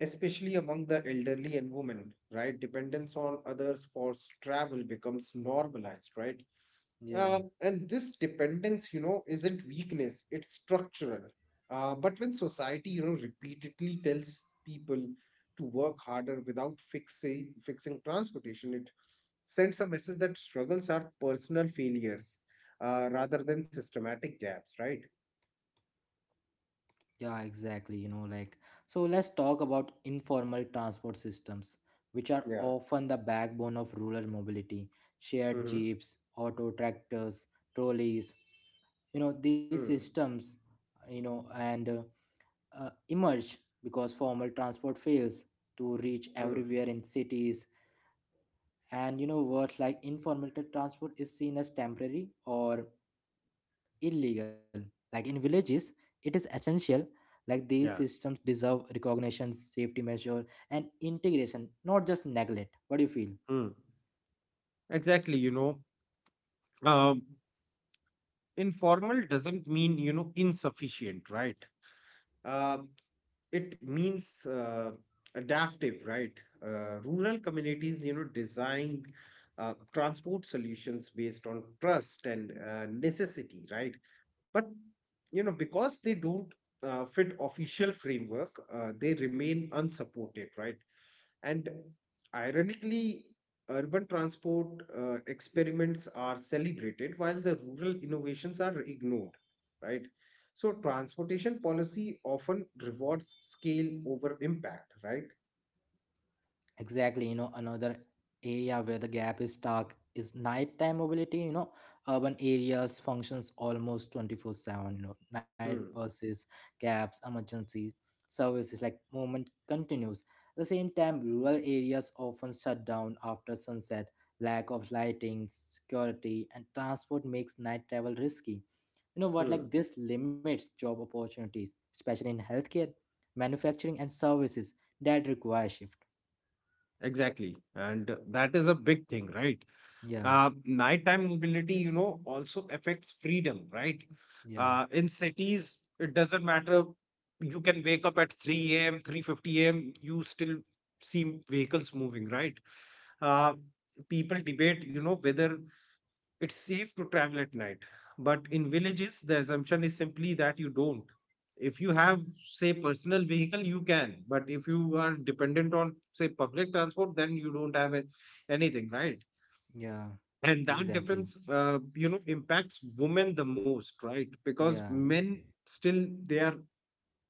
B: especially among the elderly and women, right? Dependence on others for travel becomes normalized, right?
A: yeah,
B: And this dependence, you know, isn't weakness, it's structural. But when society, you know, repeatedly tells people to work harder without fixing transportation, it sends a message that struggles are personal failures rather than systematic gaps, right?
A: yeah, exactly. You know, like, so let's talk about informal transport systems, which are
B: Yeah.
A: often the backbone of rural mobility. Shared
B: Mm-hmm.
A: jeeps, auto tractors, trolleys, you know, these
B: Mm.
A: systems, you know, and emerge because formal transport fails to reach
B: Mm.
A: everywhere in cities. And, you know, words like informal transport is seen as temporary or illegal. Like in villages, it is essential. Like these
B: Yeah.
A: systems deserve recognition, safety measure, and integration, not just neglect. What do you feel?
B: Mm. Exactly. You know, um, informal doesn't mean, you know, insufficient, right? Um, it means adaptive, right? Rural communities, you know, design transport solutions based on trust and necessity, right? But, you know, because they don't fit official framework, they remain unsupported, right? And ironically, urban transport experiments are celebrated while the rural innovations are ignored, right? So transportation policy often rewards scale over impact, right?
A: Exactly, you know, another area where the gap is stark is nighttime mobility. You know, urban areas functions almost 24/7, you know, night
B: Hmm.
A: buses, cabs, emergency services, like movement continues. At the same time rural areas often shut down after sunset. Lack of lighting, security and transport makes night travel risky. You know what,
B: Hmm.
A: like this limits job opportunities, especially in healthcare, manufacturing and services that require shift.
B: Exactly. And that is a big thing, right?
A: Yeah,
B: Nighttime mobility, you know, also affects freedom, right?
A: yeah,
B: In cities, it doesn't matter. You can wake up at 3 a.m., 3:50 a.m., you still see vehicles moving, right? Uh, People debate, you know, whether it's safe to travel at night, but in villages, the assumption is simply that you don't. If you have, say, personal vehicle, you can, but if you are dependent on, say, public transport, then you don't have anything, right?
A: yeah,
B: And that
A: exactly.
B: difference, you know, impacts women the most, right? Because
A: Yeah,
B: men still they are,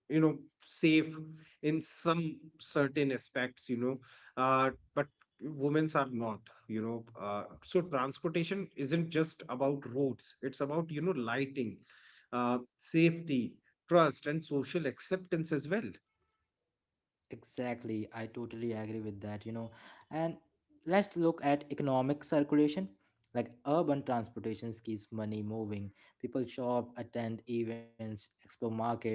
B: you know, safe in some certain aspects, you know, but women's are not, you know, so transportation isn't just about roads, it's about, you know, lighting, safety, trust and social acceptance as well.
A: exactly, I totally agree with that, you know. And let's look at economic circulation. Like urban transportation keeps money moving. People shop, attend events, explore markets,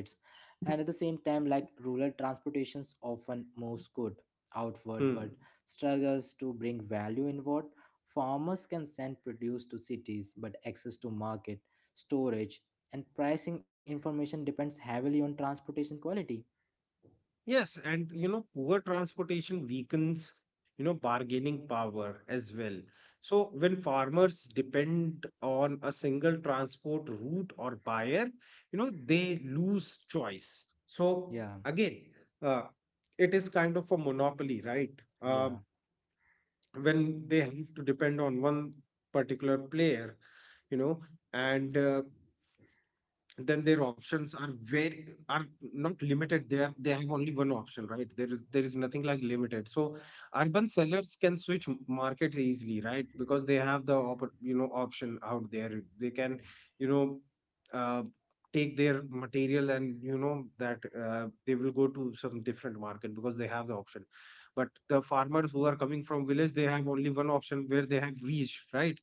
A: and at the same time, like rural transportations often moves good outward but
B: Hmm.
A: struggles to bring value inward. Farmers can send produce to cities, but access to market, storage, and pricing information depends heavily on transportation quality.
B: Yes, and you know, poor transportation weakens, you know, bargaining power as well. So when farmers depend on a single transport route or buyer, you know, they lose choice. So
A: Yeah,
B: again, uh, it is kind of a monopoly, right? Um,
A: yeah.
B: when they have to depend on one particular player, you know, and then their options are very are not limited, they have only one option, right? There is nothing like limited. So urban sellers can switch markets easily, right? Because they have the you know, option out there. They can, you know, uh, take their material and, you know, that they will go to some different market because they have the option. But the farmers who are coming from village, they have only one option where they have reached, right?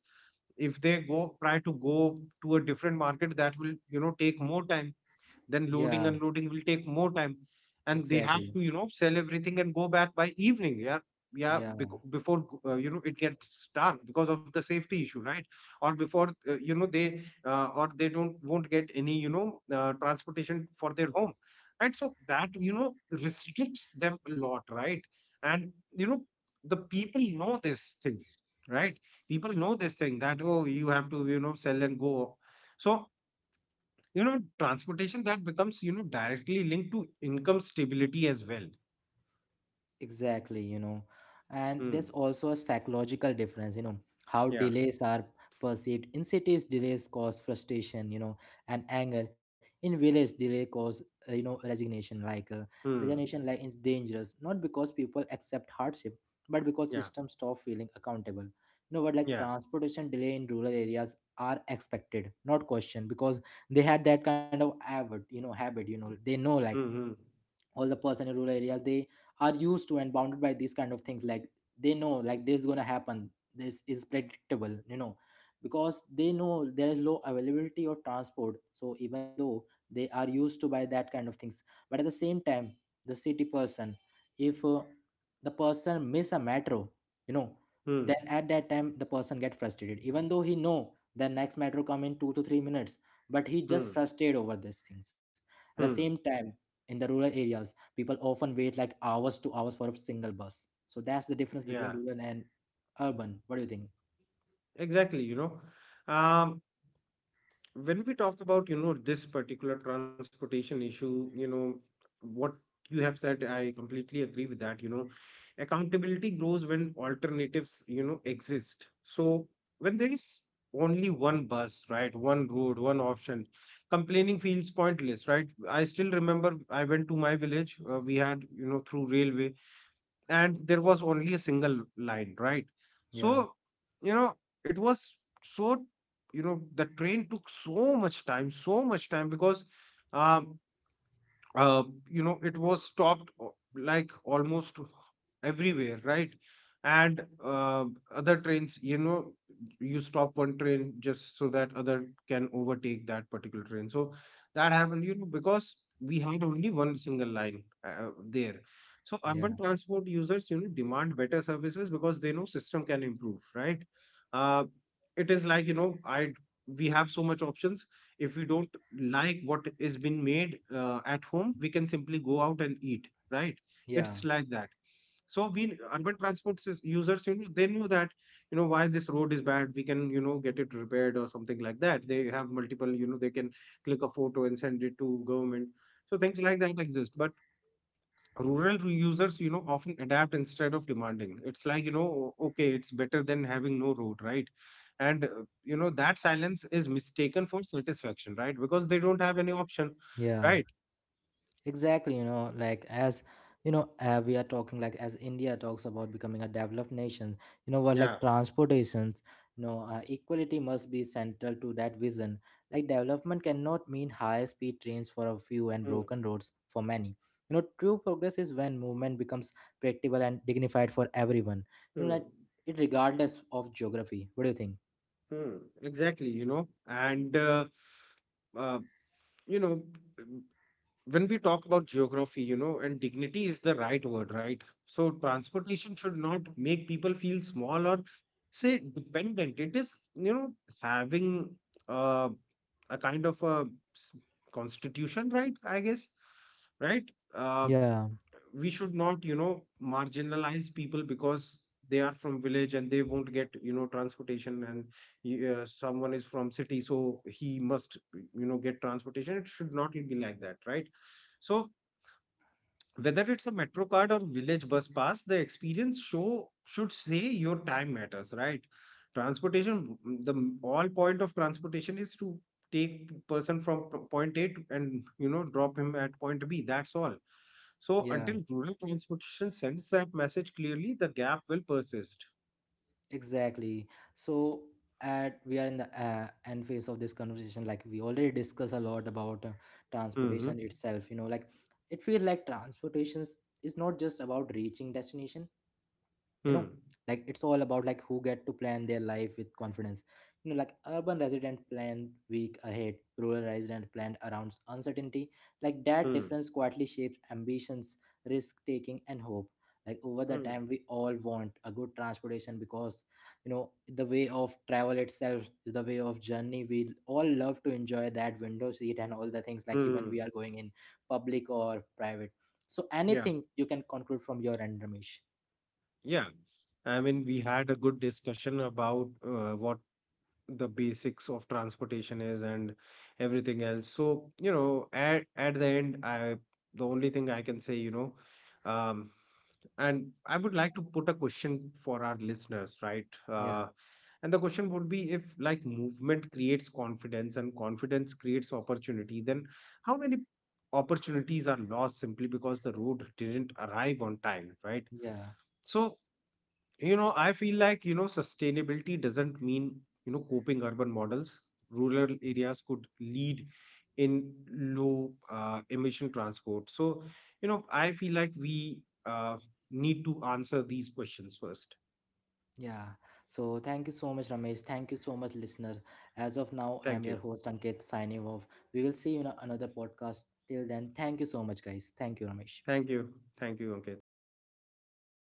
B: If they go try to go to a different market, that will, you know, take more time. Then loading
A: Yeah,
B: and unloading will take more time, and they have to,
A: exactly.
B: you know, sell everything and go back by evening. Yeah, yeah.
A: Yeah,
B: Before you know, it gets dark because of the safety issue, right? Or before you know, they or they don't won't get any, you know, transportation for their home, right? So that, you know, restricts them a lot, right? And, you know, the people know this thing, right? People know this thing that, oh, you have to, you know, sell and go. So, you know, transportation that becomes, you know, directly linked to income stability as well.
A: exactly, you know. And
B: Hmm.
A: there's also a psychological difference, you know, how
B: Yeah.
A: delays are perceived. In cities, delays cause frustration, you know, and anger. In village, delay cause, you know, resignation. Like
B: Hmm.
A: resignation, like, is dangerous, not because people accept hardship, but because
B: Yeah.
A: systems stop feeling accountable. You know, but like
B: Yeah.
A: transportation delay in rural areas are expected, not questioned, because they had that kind of habit, you know, they know like
B: Hmm.
A: all the person in rural areas, they are used to and bounded by these kind of things. Like they know like this is going to happen, this is predictable, you know, because they know there is low availability of transport. So even though they are used to by that kind of things, but at the same time, the city person, if the person miss a metro, you know,
B: Hmm. Hmm.
A: then at that time the person get frustrated even though he know the next metro come in 2 to 3 minutes, but he
B: Hmm.
A: just frustrated over these things. At the same
B: Hmm.
A: time, in the rural areas, people often wait like hours to hours for a single bus. So that's the difference between
B: Yeah.
A: rural and urban. What do you think?
B: Exactly. You know, um, when we talk about, you know, this particular transportation issue, you know, what you have said, I completely agree with that. You know, accountability grows when alternatives, you know, exist. So when there is only one bus, right, one road, one option, complaining feels pointless, right? I still remember I went to my village. We had, you know, through railway, and there was only a single line, right?
A: Yeah,
B: So, you know, it was, so, you know, the train took so much time, so much time because um uh, you know, it was stopped like almost everywhere, right? And other trains, you know, you stop one train just so that other can overtake that particular train. So that happened, you know, because we had only one single line there. So urban
A: yeah,
B: transport users, you know, demand better services because they know system can improve, right? uh, it is like, you know, I we have so much options. If we don't like what is been made at home, we can simply go out and eat, right?
A: yeah,
B: It's like that. So we urban transport users, you know, they knew that, you know, why this road is bad, we can, you know, get it repaired or something like that. They have multiple, you know, they can click a photo and send it to government. So things like that exist. But rural users, you know, often adapt instead of demanding. It's like, you know, okay, it's better than having no road, right? And you know, that silence is mistaken for satisfaction, right? Because they don't have any option,
A: yeah.
B: right.
A: Exactly, you know, like as you know, we are talking like as India talks about becoming a developed nation, you know, what
B: Yeah.
A: like transportations, you know, equality must be central to that vision. Like development cannot mean high speed trains for a few and
B: Hmm.
A: broken roads for many. You know, true progress is when movement becomes predictable and dignified for everyone. You know,
B: Hmm.
A: like it regardless of geography. What do you think?
B: Hmm. Exactly, you know. And uh, you know, when we talk about geography, you know, and dignity is the right word, right? So transportation should not make people feel small or say dependent. It is, you know, having uh, a kind of a s- constitution, right? I guess, right? Uh,
A: Yeah.
B: we should not, you know, marginalize people because they are from village and they won't get, you know, transportation, and someone is from city, so he must, you know, get transportation. It should not be like that, right? So whether it's a metro card or village bus pass, the experience show should say your time matters, right? Transportation, the all point of transportation is to take person from point A to, and you know, drop him at point B. That's all. So
A: Yeah.
B: until rural transportation sends that message clearly, the gap will persist.
A: Exactly. So at we are in the end phase of this conversation. Like we already discussed a lot about
B: Hmm.
A: transportation itself. You know, like it feels like transportation is not just about reaching destination, you
B: Hmm.
A: know, like it's all about like who get to plan their life with confidence. You know, like urban resident plan week ahead, rural resident plan around uncertainty. Like that
B: Hmm.
A: difference quietly shapes ambitions, risk taking and hope. Like over the
B: Hmm.
A: time we all want a good transportation, because you know the way of travel itself is the way of journey. We all love to enjoy that window seat and all the things like even
B: Hmm.
A: we are going in public or private. So
B: Yeah.
A: anything you can conclude from your end, Ramesh?
B: Yeah. I mean, we had a good discussion about what the basics of transportation is and everything else. So, you know, at the end, I the only thing I can say, you know, um and I would like to put a question for our listeners, right?
A: Yeah,
B: And the question would be, if like movement creates confidence and confidence creates opportunity, then how many opportunities are lost simply because the road didn't arrive on time, right?
A: yeah.
B: So, you know, I feel like, you know, sustainability doesn't mean, you know, coping urban models. Rural areas could lead in low emission transport. So, you know, I feel like we uh, need to answer these questions first.
A: Yeah. So thank you so much, Ramesh. Thank you so much, listener. As of now, I
B: Thank
A: am your
B: you.
A: host, Ankit, signing off. We will see you in another podcast. Till then, thank you so much, guys. Thank you, Ramesh.
B: Thank you. Thank you, Ankit.